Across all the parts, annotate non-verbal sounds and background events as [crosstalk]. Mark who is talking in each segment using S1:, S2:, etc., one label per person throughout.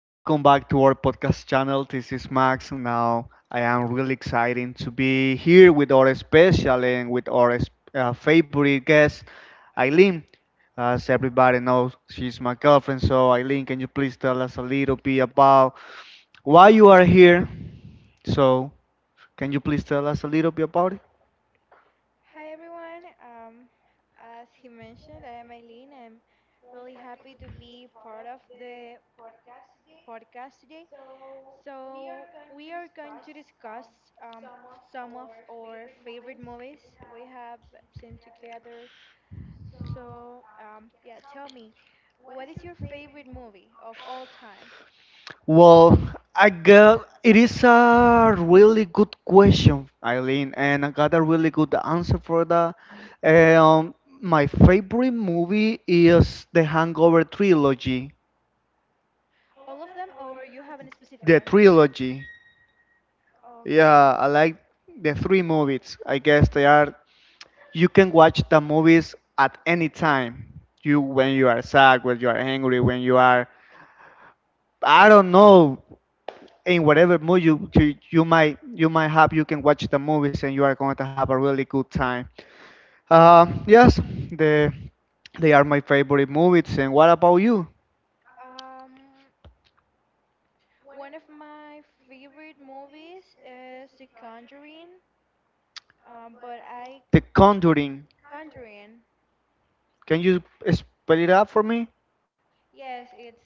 S1: Welcome back to our podcast channel. This is Max. Now I am really excited to be here with our special and with our s- favorite guest, Eileen. As everybody knows, she's my girlfriend. So, Eileen, can you please tell us a little bit about why you are here? So, can you please tell us a little bit about it?
S2: Hi everyone. As he mentioned, I am Eileen. I'm really happy to be part of the podcast today. So we are going to discuss um, some of our favorite movies we have seen together. So tell me, what is your favorite movie of all time?
S1: Well, I got it is a really good question, Eileen, and I got a really good answer for that. Um, my favorite movie is the Hangover trilogy.
S2: All of them, or you have a specific
S1: The
S2: one?
S1: trilogy.
S2: Okay.
S1: Yeah, I like the three movies. I guess they are. You can watch the movies at any time. You When you are sad, when you are angry, when you are, I don't know, in whatever mood you might have, you can watch the movies and you are going to have a really good time, yes, the they are my favorite movies. And what about you?
S2: Um, One of my favorite movies is The Conjuring, but I
S1: The Conjuring.
S2: Conjuring.
S1: Can you spell it out for me?
S2: Yes, it's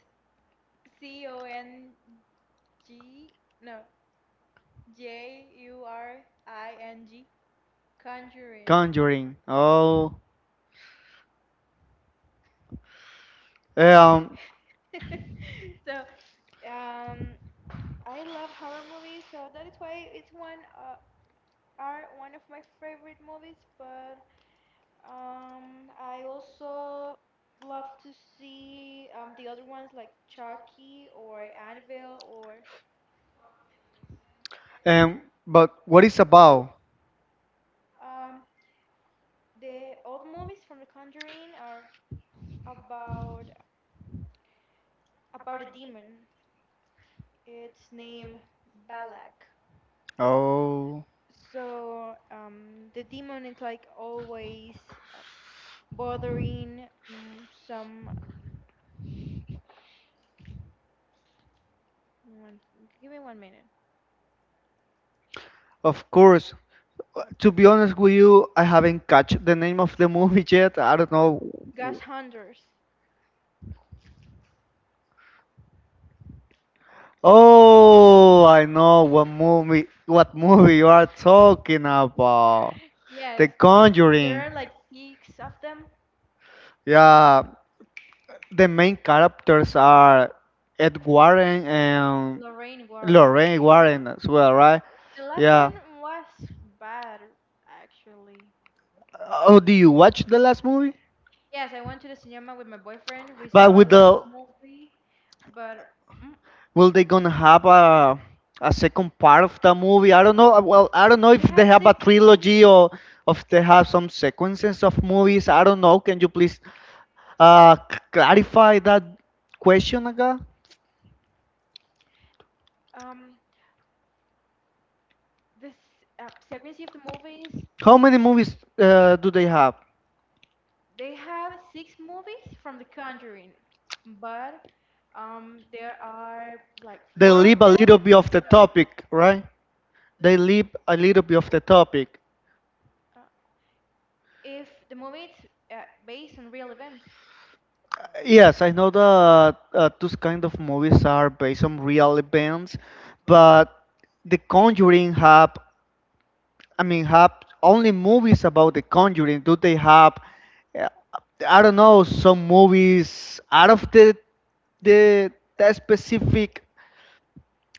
S2: CONG, no, JURING, Conjuring.
S1: Conjuring. Oh. um
S2: [laughs] So, um, I love horror movies, so that is why it's one of my favorite movies. But I also love to see the other ones like Chucky or Annabelle or
S1: um but what is about?
S2: um, the old movies from The Conjuring are about about a demon. It's named Balak.
S1: Oh,
S2: So the demon is like always uh, bothering some. One- Give me one minute.
S1: of course. To be honest with you, I haven't catch the name of the [laughs] movie yet. I don't know.
S2: Ghost hunters.
S1: Oh, I know what movie you are talking about. The
S2: Yes,
S1: Conjuring.
S2: there are like six of them,
S1: Yeah, the main characters are Ed Warren and
S2: Lorraine Warren.
S1: Lorraine Warren
S2: Mhm.
S1: as well, right?
S2: The last
S1: Yeah.
S2: one was bad, actually.
S1: Oh, do you watch the last movie?
S2: Yes, I went to the cinema with my boyfriend. We
S1: But
S2: saw
S1: with
S2: the last
S1: the
S2: movie, but mm,
S1: will they gonna have a second part of the movie? I don't know. Well, I don't know if
S2: they
S1: they
S2: have
S1: have a
S2: six
S1: trilogy
S2: movies.
S1: or if they have some sequences of movies. I don't know. Can you please clarify that question, again.
S2: Um, this sequence of the movies,
S1: How many movies do they have?
S2: they have six movies from The Conjuring, but there are like
S1: They
S2: four of
S1: leave a
S2: them.
S1: little bit of the topic, right? They leave a little bit of the topic.
S2: Uh, if the movie is based on real events,
S1: Yes, I know that those kind of movies are based on real events, but The Conjuring have, I mean, have only movies about The Conjuring. Do they have, uh, I don't know, some movies out of the, the specific.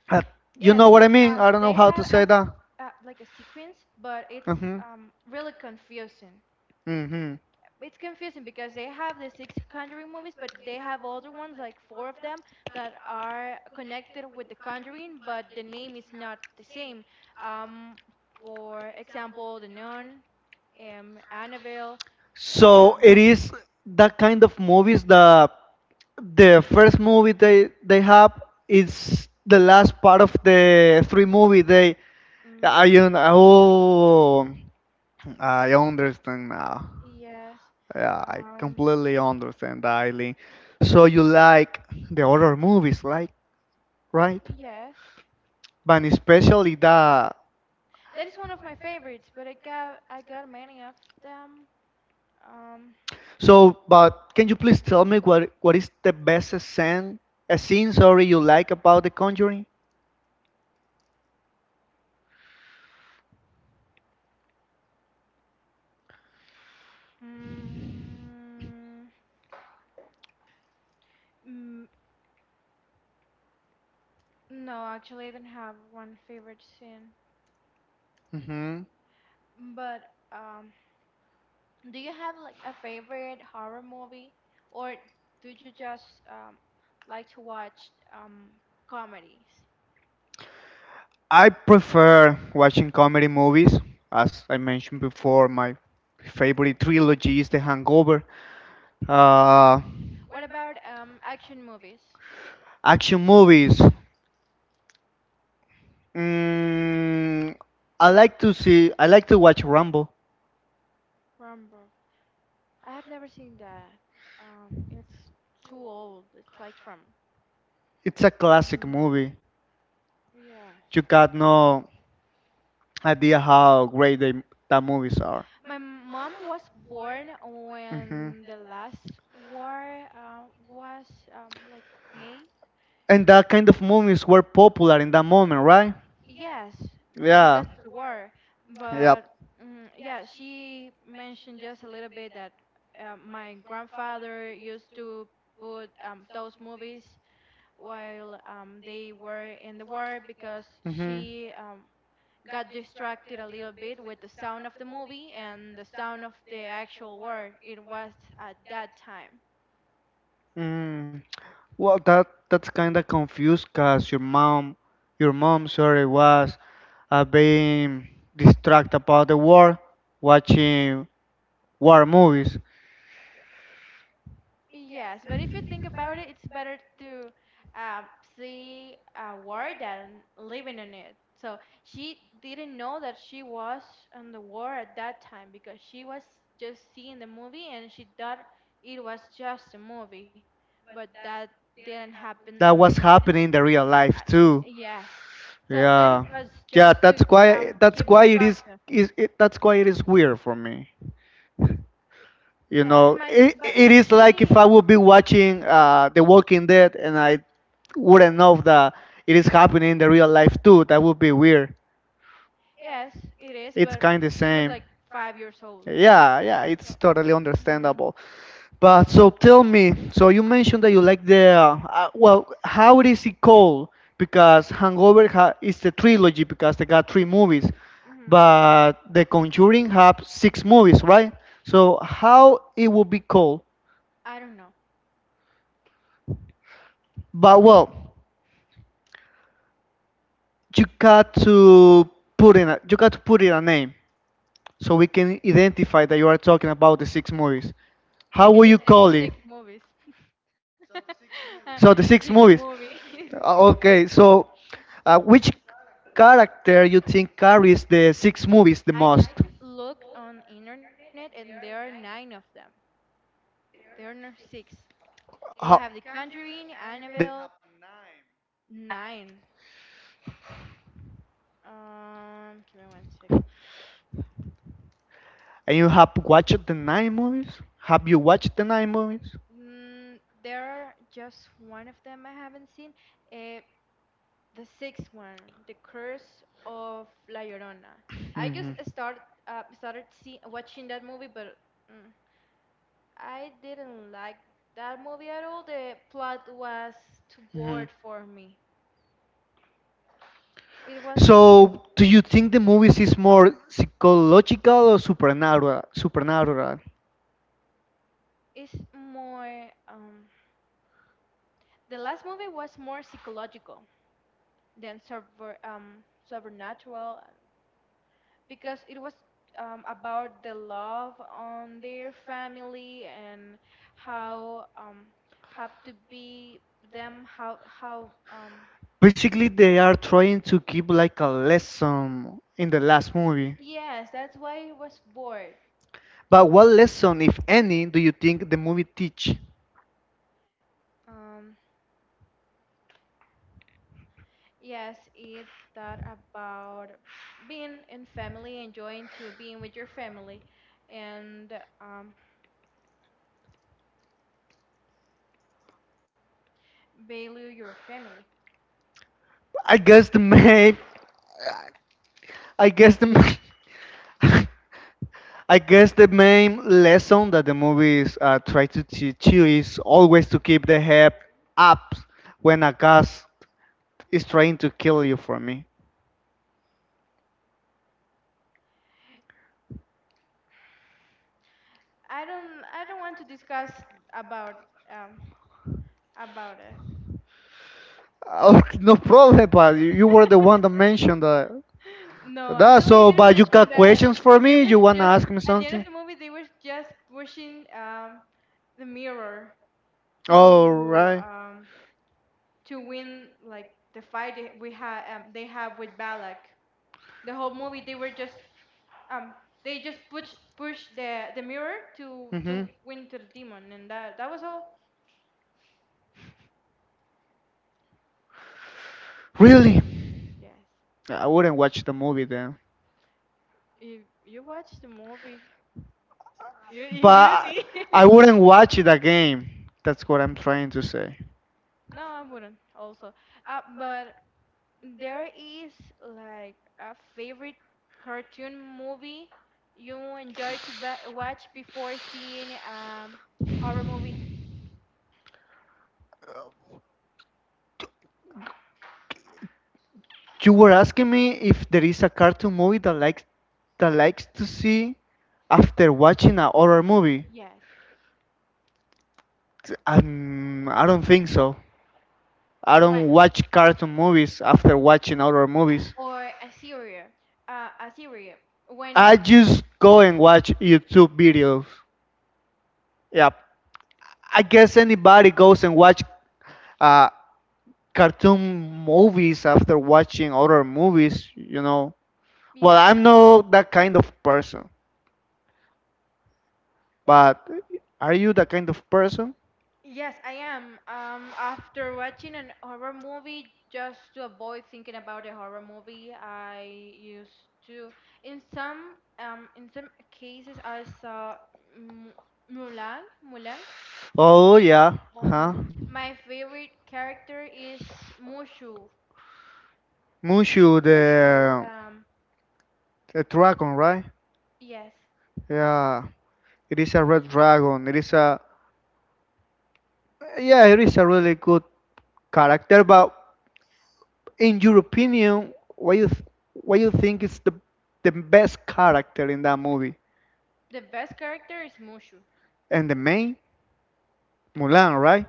S1: Uh, you
S2: yes,
S1: know what I mean? I don't know
S2: they
S1: how to
S2: have
S1: say
S2: as
S1: that.
S2: like a sequence, but it's
S1: Hmm.
S2: really confusing.
S1: Hmm.
S2: It's confusing because they have the six Conjuring movies, but they have other ones, like four of them, that are connected with the Conjuring, but the name is not the same. Um, for example, The Nun, Annabelle.
S1: So
S2: Um,
S1: it is that kind of movies that the first movie they have is the last part of the three movie they.
S2: mhm,
S1: Oh, I understand now.
S2: yes.
S1: Yeah, I
S2: Um,
S1: completely understand, Eileen. So you like the horror movies, like, right?
S2: yes.
S1: But especially that.
S2: That is one of my favorites, but I got many of them. Um,
S1: So, but can you please tell me what is the best scene, a scene, sorry, you like about The Conjuring?
S2: Mm, mm, no, actually, I don't have one favorite scene.
S1: hmm
S2: But um, do you have like a favorite horror movie, or do you just like to watch um, comedies?
S1: I prefer watching comedy movies. As I mentioned before, my favorite trilogy is The Hangover. Uh,
S2: What about action movies?
S1: action movies. Mm, I like to see. I like to watch Rambo.
S2: Rambo. I have never seen that. It's too old. It's like from.
S1: It's a classic
S2: Mm,
S1: movie. You
S2: yes.
S1: got no idea how great the movies are.
S2: My mom was born
S1: hmm
S2: when the last war was like May.
S1: And that kind of movies were popular in that moment, right?
S2: Yes,
S1: Yeah.
S2: because it's a war. But
S1: Yep.
S2: yeah, she mentioned just a little bit that my grandfather used to put those movies while they were in the war because
S1: Hmm.
S2: she got distracted a little bit with the sound of the movie and the sound of the actual war. It was at that time.
S1: Mm. Well, that's kind of confused, cause your mom, sorry, was being distracted about the war, watching war movies.
S2: Yes, but if you think about it, it's better to um, see a war than living in it. So she didn't know that she was on the war at that time because she was just seeing the movie and she thought it was just a movie. But that didn't happen in,
S1: That
S2: in
S1: was happening in the real
S2: uh,
S1: life
S2: y-
S1: too.
S2: yes. So that it
S1: Yeah,
S2: was
S1: yeah.
S2: just to
S1: That's why.
S2: um,
S1: That's
S2: keep
S1: why it is.
S2: distracted.
S1: Is it, that's why it is weird for me. You
S2: Yeah, it
S1: know,
S2: might be,
S1: it,
S2: but
S1: it is like if
S2: she
S1: I would be watching The Walking Dead and I wouldn't know that it is happening in the real life too. That would be weird.
S2: Yes, it is,
S1: It's
S2: but
S1: kind of the
S2: she was
S1: same.
S2: like 5 years old.
S1: Yeah, yeah. It's totally
S2: Hmm
S1: understandable. But so tell me, so you mentioned that you like the well, how it is it called? Because Hangover ha is the trilogy because they got three movies,
S2: hmm.
S1: but The Conjuring have six movies, right? So how it will be called?
S2: I don't know.
S1: But well, you got to you got to put in a name so we can identify that you are talking about the six movies. How
S2: We
S1: will
S2: can
S1: you
S2: just say
S1: call it?
S2: six movies.
S1: So the six movies.
S2: [laughs] The six
S1: Uh,
S2: movie. [laughs]
S1: okay, so which character you think carries the six movies the most?
S2: I just looked on internet and there are nine of them. There are not six. They
S1: Ho-
S2: have The Conjuring, Annabelle, nine. Give me one second.
S1: and you have watched the nine movies? Have you watched the nine movies?
S2: Mm, there are just one of them I haven't seen. Uh, The sixth one, The Curse of La Llorona. I just started watching that movie, but mm, I didn't like that movie at all. The plot was too
S1: Mhm. Mhm.
S2: bored for me. It was
S1: So, do you think the movies is more psychological or supernatural? Supernatural.
S2: it's more the last movie was more psychological than super supernatural because it was about the love on their family and how have to be them how
S1: Basically, they are trying to keep like a lesson in the last movie.
S2: yes that's why it was bored,
S1: But what lesson, if any, do you think the movie teach?
S2: um, yes it that about being in family enjoying to being with your family and um, value your family.
S1: I guess the main, I guess the, ma- [laughs] I guess the main lesson that the movies try to teach you is always to keep the head up when a gas is trying to kill you, for me.
S2: I don't want to discuss about um, about it.
S1: Okay, [laughs] no problem, but you were the one that mentioned that.
S2: No,
S1: that
S2: actually, I
S1: so,
S2: didn't
S1: but you
S2: mention
S1: got
S2: that.
S1: questions for
S2: [laughs] They
S1: me?
S2: were
S1: You want to
S2: just
S1: ask me
S2: at the end of
S1: something?
S2: the movie. They were just pushing the mirror
S1: All
S2: to
S1: right.
S2: um, to win like the fight they- we had they have with Balak. The whole movie they were just um, they just push the mirror to
S1: Mhm.
S2: to win to the demon, and that was all.
S1: Really?
S2: Yes,
S1: I wouldn't watch the movie then.
S2: you you watched the movie. You [laughs] you
S1: But
S2: you
S1: I
S2: did. [laughs]
S1: wouldn't watch it again. That's what I'm trying to say.
S2: No, I wouldn't. Also, but there is like a favorite cartoon movie you enjoy to ba watch before seeing horror movie?
S1: You were asking me if there is a cartoon movie that likes to see after watching a horror movie.
S2: Yes.
S1: I don't think so. I
S2: But why?
S1: don't watch cartoon movies after watching horror movies.
S2: Or a serial. A serial.
S1: I
S2: When
S1: just go and watch YouTube videos. Yep. I guess anybody goes and watch uh, cartoon movies after watching other movies. Well,
S2: yeah.
S1: I'm not that kind of person, but are you that kind of person?
S2: Yes, I am. After watching an horror movie, just to avoid thinking about a horror movie, I used to, in some cases, I saw M- Mulan. Mulan.
S1: Oh yeah, huh?
S2: Um, my favorite character is Mushu.
S1: Mushu
S2: Mushu.
S1: the the dragon, right?
S2: Yes,
S1: Yeah, it is a red dragon. It is a Yeah, it is a really good character. But in your opinion, what you think is the best character in that movie?
S2: the best character is Mushu.
S1: And the main Mulan, right?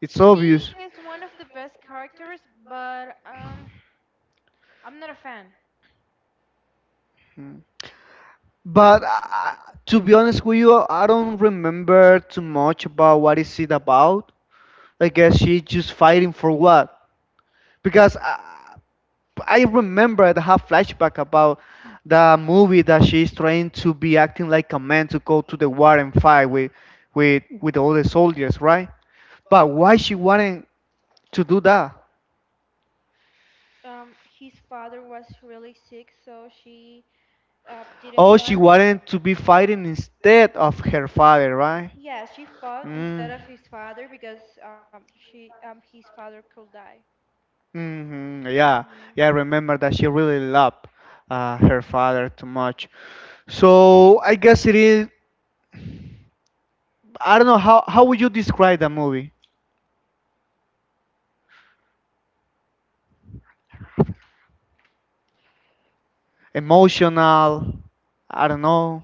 S1: It's
S2: She
S1: obvious.
S2: is one of the best characters, but I'm not a fan.
S1: Hmm. But to be honest with you, I don't remember too much about what is it about. I guess she just fighting for what? Because I remember I have flashback about the movie that she's trying to be acting like a man to go to the war and fight with all the soldiers, right? But why she wanted to do that?
S2: His father was really sick so she didn't
S1: Oh, she
S2: want
S1: wanted to be fighting instead of her father, right?
S2: yeah she fought
S1: Mm.
S2: instead of his father because she his father could die.
S1: Hmm. Yeah,
S2: Mhm.
S1: yeah, I remember that she really loved her father too much. So I guess it is. I don't know how would you describe the movie? Emotional. I don't know,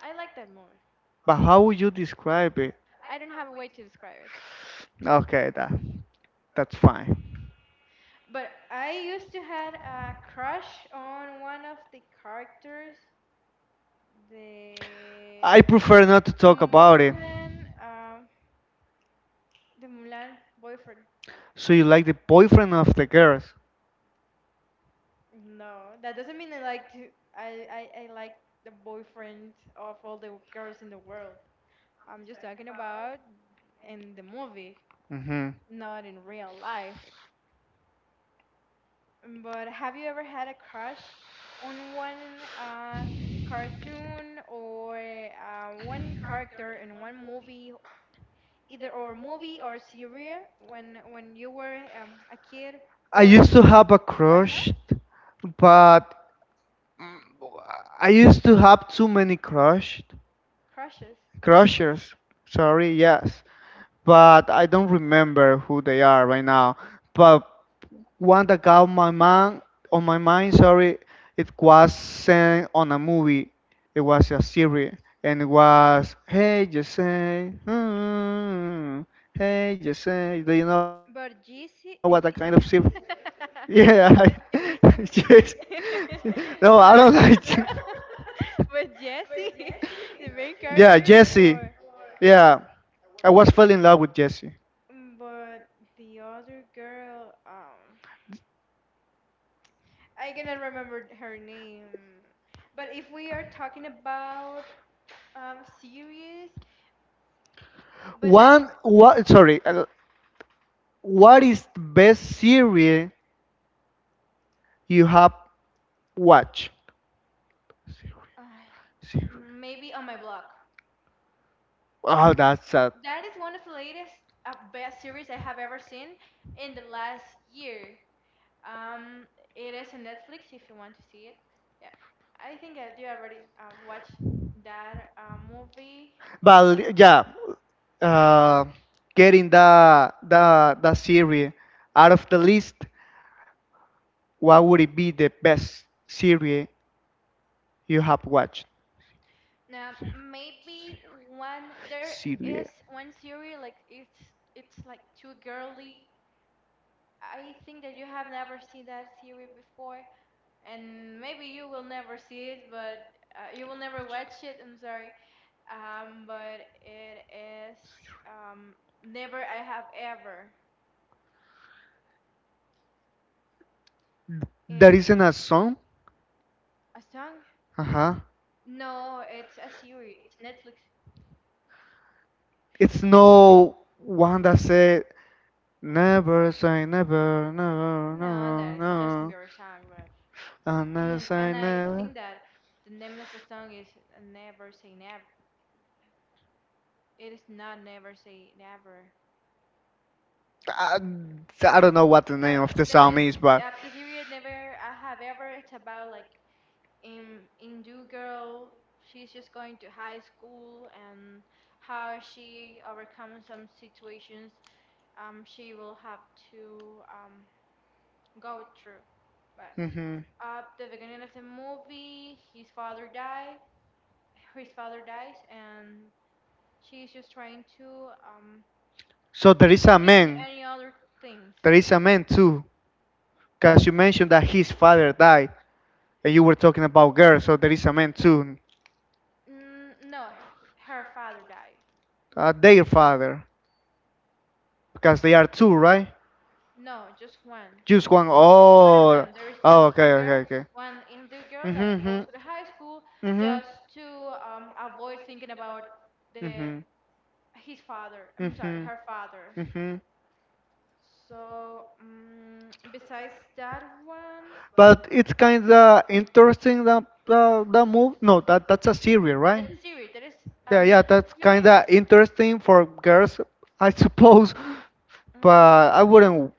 S2: I like that movie.
S1: but how would you describe it?
S2: I don't have a way to describe it.
S1: Okay, that's fine.
S2: But I used to had a crush on one of the characters,
S1: I
S2: the
S1: prefer not to talk about it.
S2: Mulan, um, the Mulan boyfriend.
S1: So you like the boyfriend of the girls?
S2: No, that doesn't mean I like to. I like the boyfriend of all the girls in the world. I'm just talking about in the movie,
S1: hmm
S2: not in real life. But have you ever had a crush on one cartoon or one character in one movie, either or movie or series, when you were a kid
S1: I
S2: or
S1: used to have a
S2: right now?
S1: crush, but I used to have too many crush,
S2: Crushes.
S1: crushers. Sorry, yes, but I don't remember who they are right now. But one that got my mind on my mind. Sorry, it wasn't on a movie. It was a series, and it was Hey Jesse, Hey Jesse. Do you know what that kind
S2: But
S1: of series?
S2: Jeezy, Jeezy.
S1: Yeah, [laughs]
S2: [laughs] Jeezy.
S1: yes.
S2: [laughs]
S1: No, I don't
S2: No,
S1: like.
S2: [laughs]
S1: [laughs]
S2: but Jesse, [laughs] the
S1: Yeah,
S2: main
S1: Jesse.
S2: character, or
S1: Yeah, I was fell in love with Jesse.
S2: But the other girl, I cannot remember her name. But if we are talking about series, but
S1: One, what? Sorry, what is the best series you have watched? Series.
S2: I maybe on my blog.
S1: Oh, that's sad.
S2: That is one of the latest best series I have ever seen in the last year. Um, it is on Netflix if you want to see it. Yeah, I think I do already watched that movie. Uh,
S1: But yeah, uh, getting the series out of the list, what would it be the best series you have watched?
S2: Now maybe one there is one series like it's like too girly. I think that you have never seen that series before, and maybe you will never see it, but you will never watch it. I'm sorry. But it is um, never I have ever.
S1: There
S2: It
S1: isn't a song.
S2: A song?
S1: Uh huh.
S2: No, it's a series. It's Netflix.
S1: It's no one that said never say never, no,
S2: No, that
S1: no,
S2: is Justin
S1: no.
S2: Bieber song, but
S1: I never
S2: and,
S1: say
S2: and I
S1: never.
S2: think that the name of the song is Never Say Never. It is not Never Say Never.
S1: I, I don't know what the
S2: So
S1: name of the
S2: the
S1: song
S2: most,
S1: is, but.
S2: the series Never I Have Ever. It's about like in Hindu girl. She's just going to high school and how she overcomes some situations. She will have to um go through. But
S1: Hmm.
S2: at the beginning of the movie, his father dies, and she's just trying to um,
S1: So
S2: keep thinking in any other things.
S1: there is a man, too, because you mentioned that his father died, and you were talking about girls, so there is a man too,
S2: No, her father died.
S1: their father, because they are two, right?
S2: No, just one.
S1: Just one.
S2: Just one of
S1: Oh,
S2: them. There is
S1: oh,
S2: just
S1: okay,
S2: one
S1: okay,
S2: girl,
S1: okay.
S2: one Indian girl that
S1: Mhm, mhm,
S2: goes to the high school just to avoid thinking about the
S1: mhm,
S2: his father. I'm sorry,
S1: mhm,
S2: her father.
S1: mhm, mhm.
S2: So besides that one,
S1: But it's kind of interesting that that move. No, that's a series, right?
S2: Net and Zero, that is a
S1: Yeah, yeah, that's
S2: Netflix
S1: kind
S2: series.
S1: of interesting for girls, I suppose. But I
S2: Mm,
S1: wouldn't.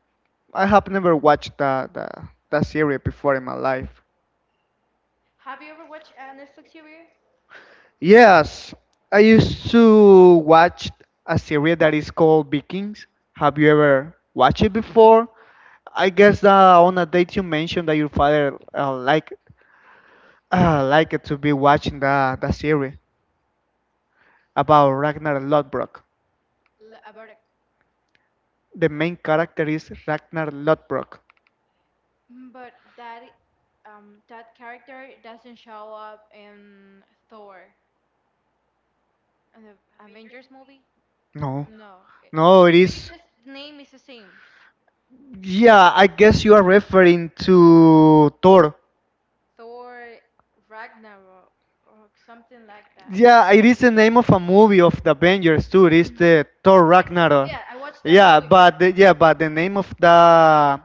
S1: I have never watched that series before in my life.
S2: have you ever watched a Netflix series
S1: Yes, I used to watch a series that is called Vikings. Have you ever watched it before? I guess that on a date you mentioned that your father like to be watching that series about Ragnar Lodbrok.
S2: About it?
S1: The main character is Ragnar Lodbrok.
S2: But that character doesn't show up in Thor, in the Avengers movie.
S1: No,
S2: No, it,
S1: no, it
S2: maybe
S1: is.
S2: just the name is the same,
S1: Yeah, I guess you are referring to Thor.
S2: Thor Ragnarok or something like that.
S1: Yeah, it is the name of a movie of the Avengers too. It is
S2: Hmm.
S1: the Thor Ragnarok.
S2: Yeah, I watched that
S1: Yeah,
S2: movie,
S1: but the name of the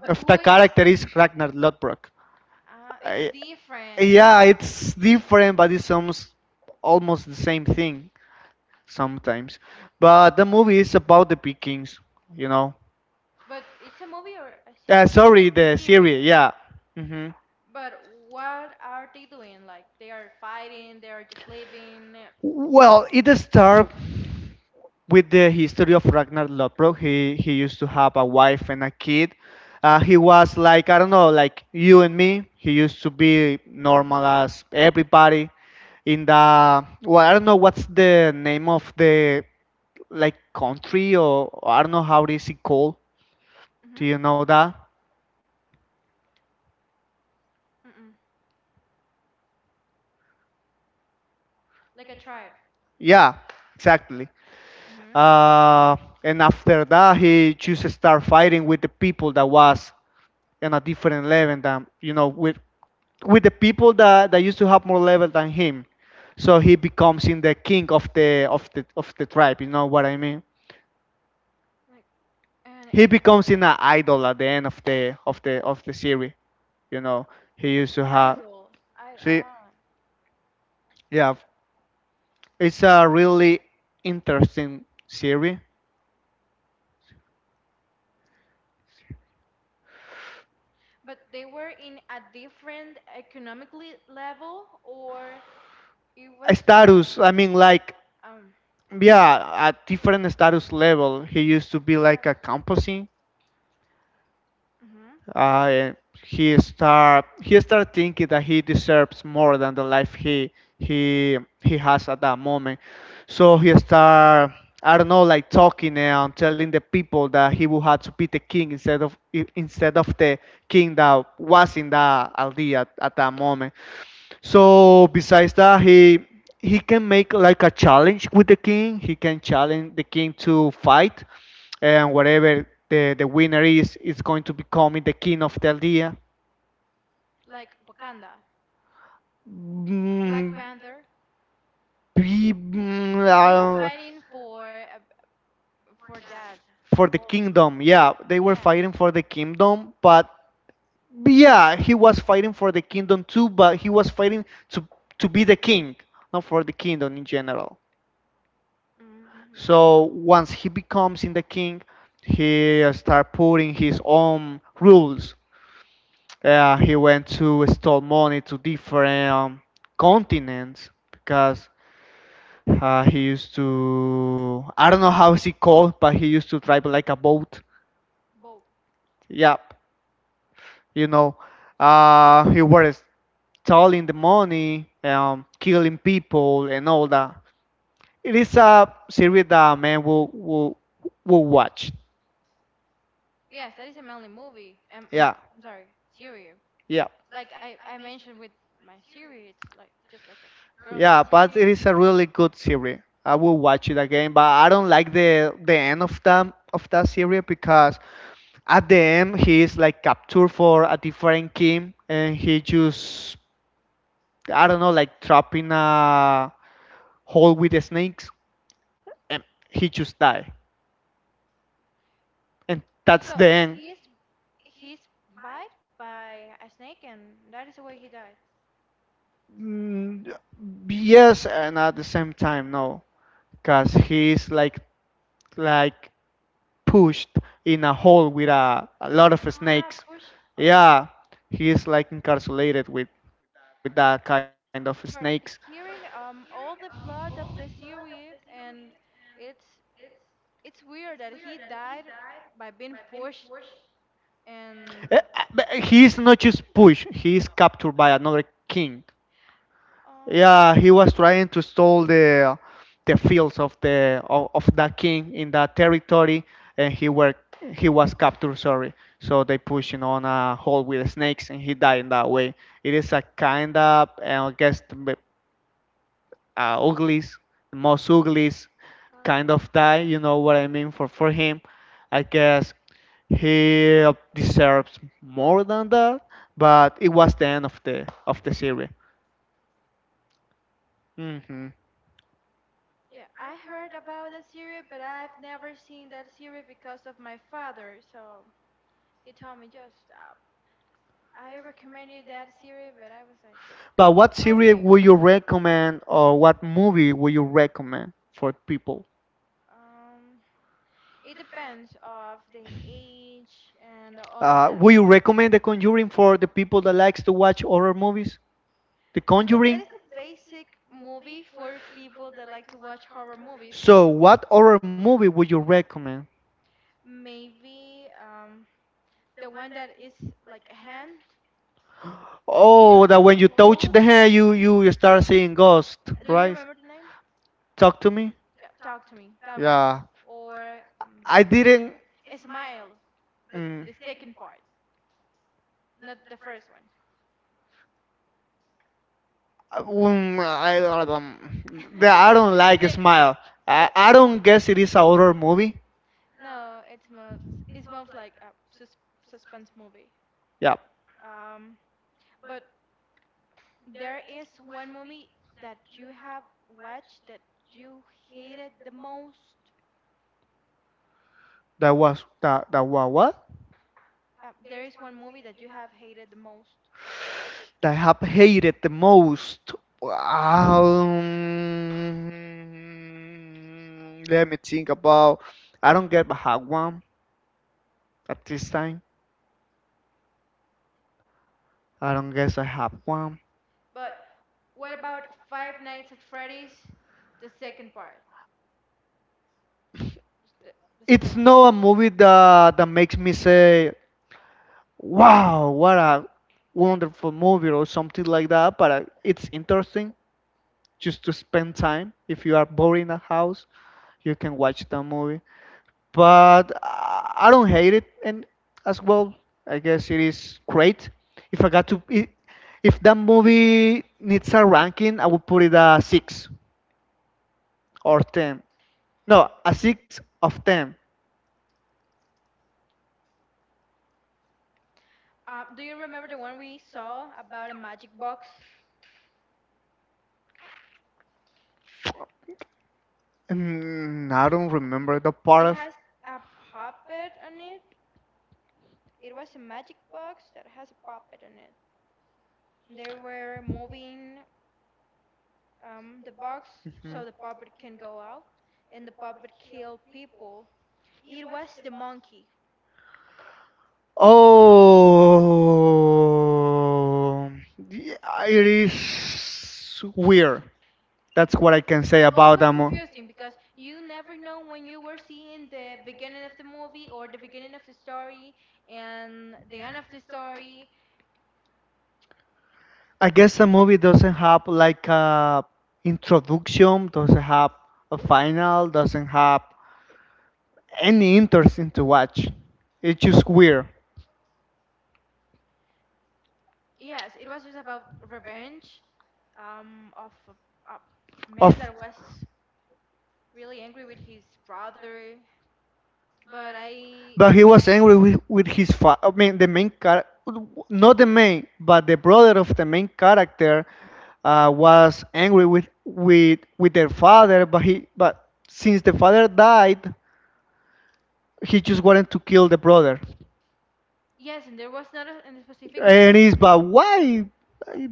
S2: but
S1: of the
S2: who is?
S1: character is Ragnar Lodbrok.
S2: It's
S1: I-
S2: different.
S1: yeah, it's different, but it's almost the same thing sometimes. But the movie is about the Vikings, you know.
S2: But it's a movie or a
S1: Yeah,
S2: series?
S1: sorry, the
S2: Interior.
S1: series. Yeah. hmm
S2: But what are they doing? Like they are fighting, they are just living,
S1: Well, it starts with the history of Ragnar Lodbrok. He used to have a wife and a kid. He was like, I don't know, like you and me. He used to be normal as everybody. In the well, I don't know what's the name of the, like, country or I don't know how is it called.
S2: mm-hmm,
S1: Do you know that?
S2: mm-hmm, like a tribe.
S1: Yeah, exactly.
S2: Hmm.
S1: Uh, and after that, he just start fighting with the people that was and a different level than with the people that used to have more level than him. So he becomes in the king of the of the tribe. You know what I mean?
S2: Like an,
S1: He becomes in an idol at the end of the of the series. You know he used
S2: an
S1: to have.
S2: idol. I
S1: See,
S2: ah.
S1: yeah, it's a really interesting series.
S2: But they were in a different economically level, or it was
S1: A status. I mean, like,
S2: um
S1: yeah, at different status level he used to be like a
S2: started
S1: composing
S2: hmm
S1: and he start thinking that he deserves more than the life he has at that moment. So he start, I don't know, like talking and telling the people that he would have to be the king instead of the king that was in that aldea at that moment. So besides that, he can make like a challenge with the king. He can challenge the king to fight, and whatever the winner is going to become the king of Teldia.
S2: like Wakanda, Black
S1: Mm,
S2: Panther.
S1: be- mm,
S2: They were
S1: uh,
S2: fighting for that.
S1: for the
S2: Also.
S1: kingdom, yeah, they were
S2: Yes.
S1: fighting for the kingdom, but yeah, he was fighting for the kingdom too, but he was fighting to to be the king, not for the kingdom in general.
S2: Mm-hmm.
S1: So once he becomes in the king, he start putting his own rules. He went to steal money to different continents because he used to, I don't know how is it called, but he used to drive like a boat.
S2: But
S1: Yep, you know, he was stealing the money, killing people, and all that. It is a series that a man will watch.
S2: yes, that is a mainly movie.
S1: Yeah,
S2: I'm sorry, series.
S1: yeah,
S2: Like I mentioned with my series, it's like just like a girly
S1: yeah. But it
S2: series.
S1: is a really good series. I will watch it again, but I don't like the end of that series because at the end he is like captured for a different king, and he just, I don't know, like trapped in a hole with the snakes, and he just die, and that's
S2: So
S1: the end.
S2: he's he's bite by a snake, and that is the way he died.
S1: Mm, yes, and at the same time, no, because he's like pushed in a hole with a lot of
S2: Ah,
S1: snakes.
S2: pushed on.
S1: Yeah, he's like incarcerated with that kind of snakes.
S2: But hearing all the plot of the series, and it's it's weird that he died by being pushed
S1: Eh,
S2: and
S1: uh, but he is not just pushed; he is captured by another king. Yeah,
S2: mhm.
S1: he was trying to stole the fields of of that king in that territory, and he was captured. Sorry, so they pushed him on a hole with snakes, and he died in that way. It is a kind of, I guess the ugliest, the most ugliest kind
S2: Atlas.
S1: of die. You know what I mean? For him, I guess he deserves more than that. But it was the end of the series. hmm
S2: Yeah, I heard about that series, but I've never seen that series because of my father. So he told me just I recommend you that series, but I was like,
S1: But what series
S2: okay,
S1: would you recommend, or what movie would you recommend for people?
S2: um, it depends of the age and all of that.
S1: Would you recommend The Conjuring for the people that likes to watch horror movies? The
S2: But that
S1: Conjuring.
S2: is a basic movie for people that like to watch horror movies.
S1: So, what horror movie would you recommend?
S2: Maybe the one that is like a hand you
S1: Oh,
S2: will
S1: that
S2: have
S1: when you
S2: to
S1: touch
S2: hold.
S1: the hair, you start seeing ghosts,
S2: Do you
S1: right?
S2: remember the name?
S1: Talk to me.
S2: Yeah, Talk to Me. That one
S1: Yeah,
S2: or
S1: I
S2: mm,
S1: didn't.
S2: Smile, but
S1: Mm.
S2: the second part, not the first one.
S1: I don't
S2: [laughs]
S1: like
S2: The-
S1: Smile. I,
S2: but
S1: I don't guess it is a horror movie.
S2: no, it's most like a suspense movie.
S1: Yeah,
S2: Um, but there is one movie that you have watched that you hated the most.
S1: that was what
S2: There is one movie that you have hated the most,
S1: that I have hated the most. Um, Let me think about. I don't get I have one at this time. I don't guess I have one.
S2: but what about Five Nights at Freddy's, the second part, the, the second
S1: It's
S2: one?
S1: not a movie that makes me say, "Wow, what a wonderful movie," or something like that. But it's interesting. Just to spend time. If you are bored in a house, you can watch that movie. But I don't hate it, and as well, I guess it is great. If I got to, I- If that movie needs a ranking, I would put it a six or ten. No, a six of ten.
S2: Do you remember the one we saw about a magic box?
S1: Mm, I don't remember the part
S2: It
S1: of.
S2: has a puppet on it. It was a magic box that has a puppet on it. They were moving the box so the puppet can go out, and the puppet killed people. It was the monkey.
S1: Oh, yeah, it is weird. That's what I can say
S2: The plot
S1: about
S2: was
S1: them. mo-
S2: confusing because you never know when you were seeing the beginning of the movie or the beginning of the story and the end of the story.
S1: I guess the movie doesn't have like a introduction, doesn't have a final, doesn't have any interesting to watch. It's just weird.
S2: Yes, it was just about revenge of a
S1: Of
S2: man that was really angry with his brother. But I,
S1: but he was angry with his father. I mean, the main character, not the main, but the brother of the main character was angry with their father. But since the father died, he just wanted to kill the brother.
S2: yes, and there was not a specific
S1: And
S2: reason.
S1: he's, but why? I-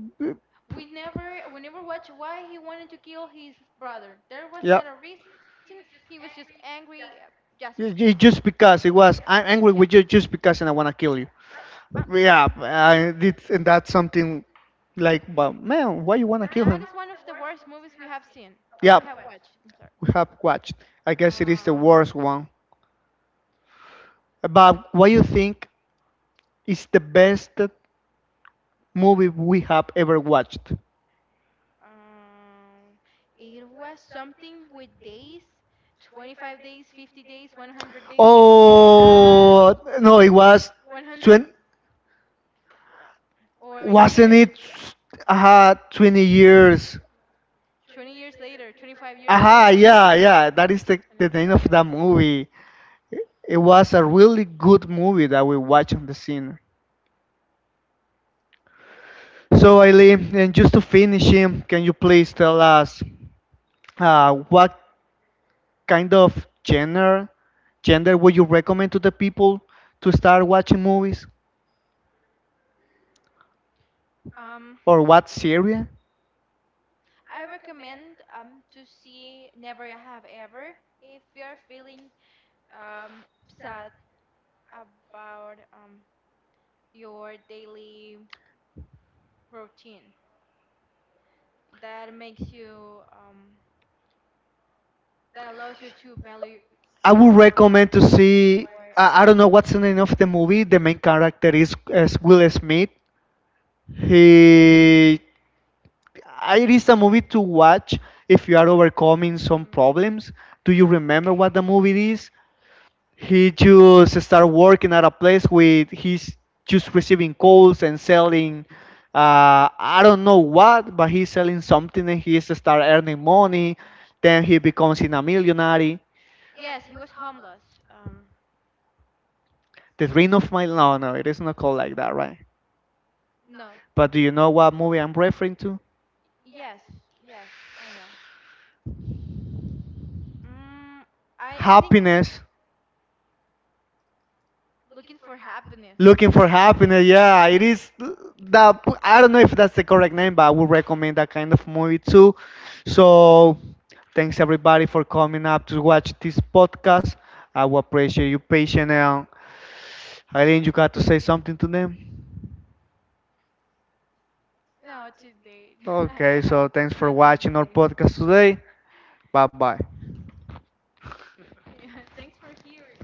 S2: We never watched why he wanted to kill his brother. There was
S1: Yeah.
S2: not a reason. He was just angry just because.
S1: Just because it was, I'm angry with you just because and I want to kill you.
S2: Uh,
S1: Yeah,
S2: mhm.
S1: I did, and that's something like, but man, why you want to kill
S2: That is
S1: him?
S2: one of the worst movies we have seen. We
S1: Yeah,
S2: have watched. I'm sorry.
S1: we have watched. I guess it is the
S2: Um,
S1: worst one. But what you think is the best movie we have ever watched?
S2: um, it was something with days, 25 days, 50 days, 100 days, uh,
S1: Oh no, it was
S2: 100
S1: 20.
S2: no, or
S1: Wasn't
S2: years,
S1: it? 20 years.
S2: 20 years later, 25 years
S1: Aha,
S2: later,
S1: yeah, yeah. That is the name of
S2: 25.
S1: that movie. It was a really good movie that we watched on the scene. So Eileen, and just to finish him, can you please tell us what kind of genre gender would you recommend to the people to start watching movies
S2: Um,
S1: or what series?
S2: I recommend to see Never I Have Ever if you're feeling um, sad about your daily routine that makes you that allows you to value
S1: I
S2: value
S1: would
S2: your life
S1: recommend to see.
S2: your
S1: I don't know what's the name of the movie. The main character is Will Smith. He. It is a movie to watch if you are overcoming some
S2: mm,
S1: problems. Do you remember what the movie is? He just started working at a place with he's just receiving calls and selling, I don't know what, but he's selling something, and he start earning money. Then he becomes in a millionaire.
S2: yes he was homeless um,
S1: The dream of my, no, no, it is not called like that, right?
S2: no
S1: But do you know what movie I'm referring to?
S2: yes yes I know mm, i i think it-
S1: Happiness.
S2: looking for happiness
S1: Looking for happiness. Yeah, it is that, I don't know if that's the correct name, but I would recommend that kind of movie too. So, thanks everybody for coming up to watch this podcast. I will appreciate your patience. And Eileen, you got to say something to them.
S2: no today [laughs] I
S1: Okay,
S2: have
S1: so thanks for
S2: nothing to
S1: watching our
S2: say
S1: podcast today. Bye bye.
S2: [laughs] yeah thanks for hearing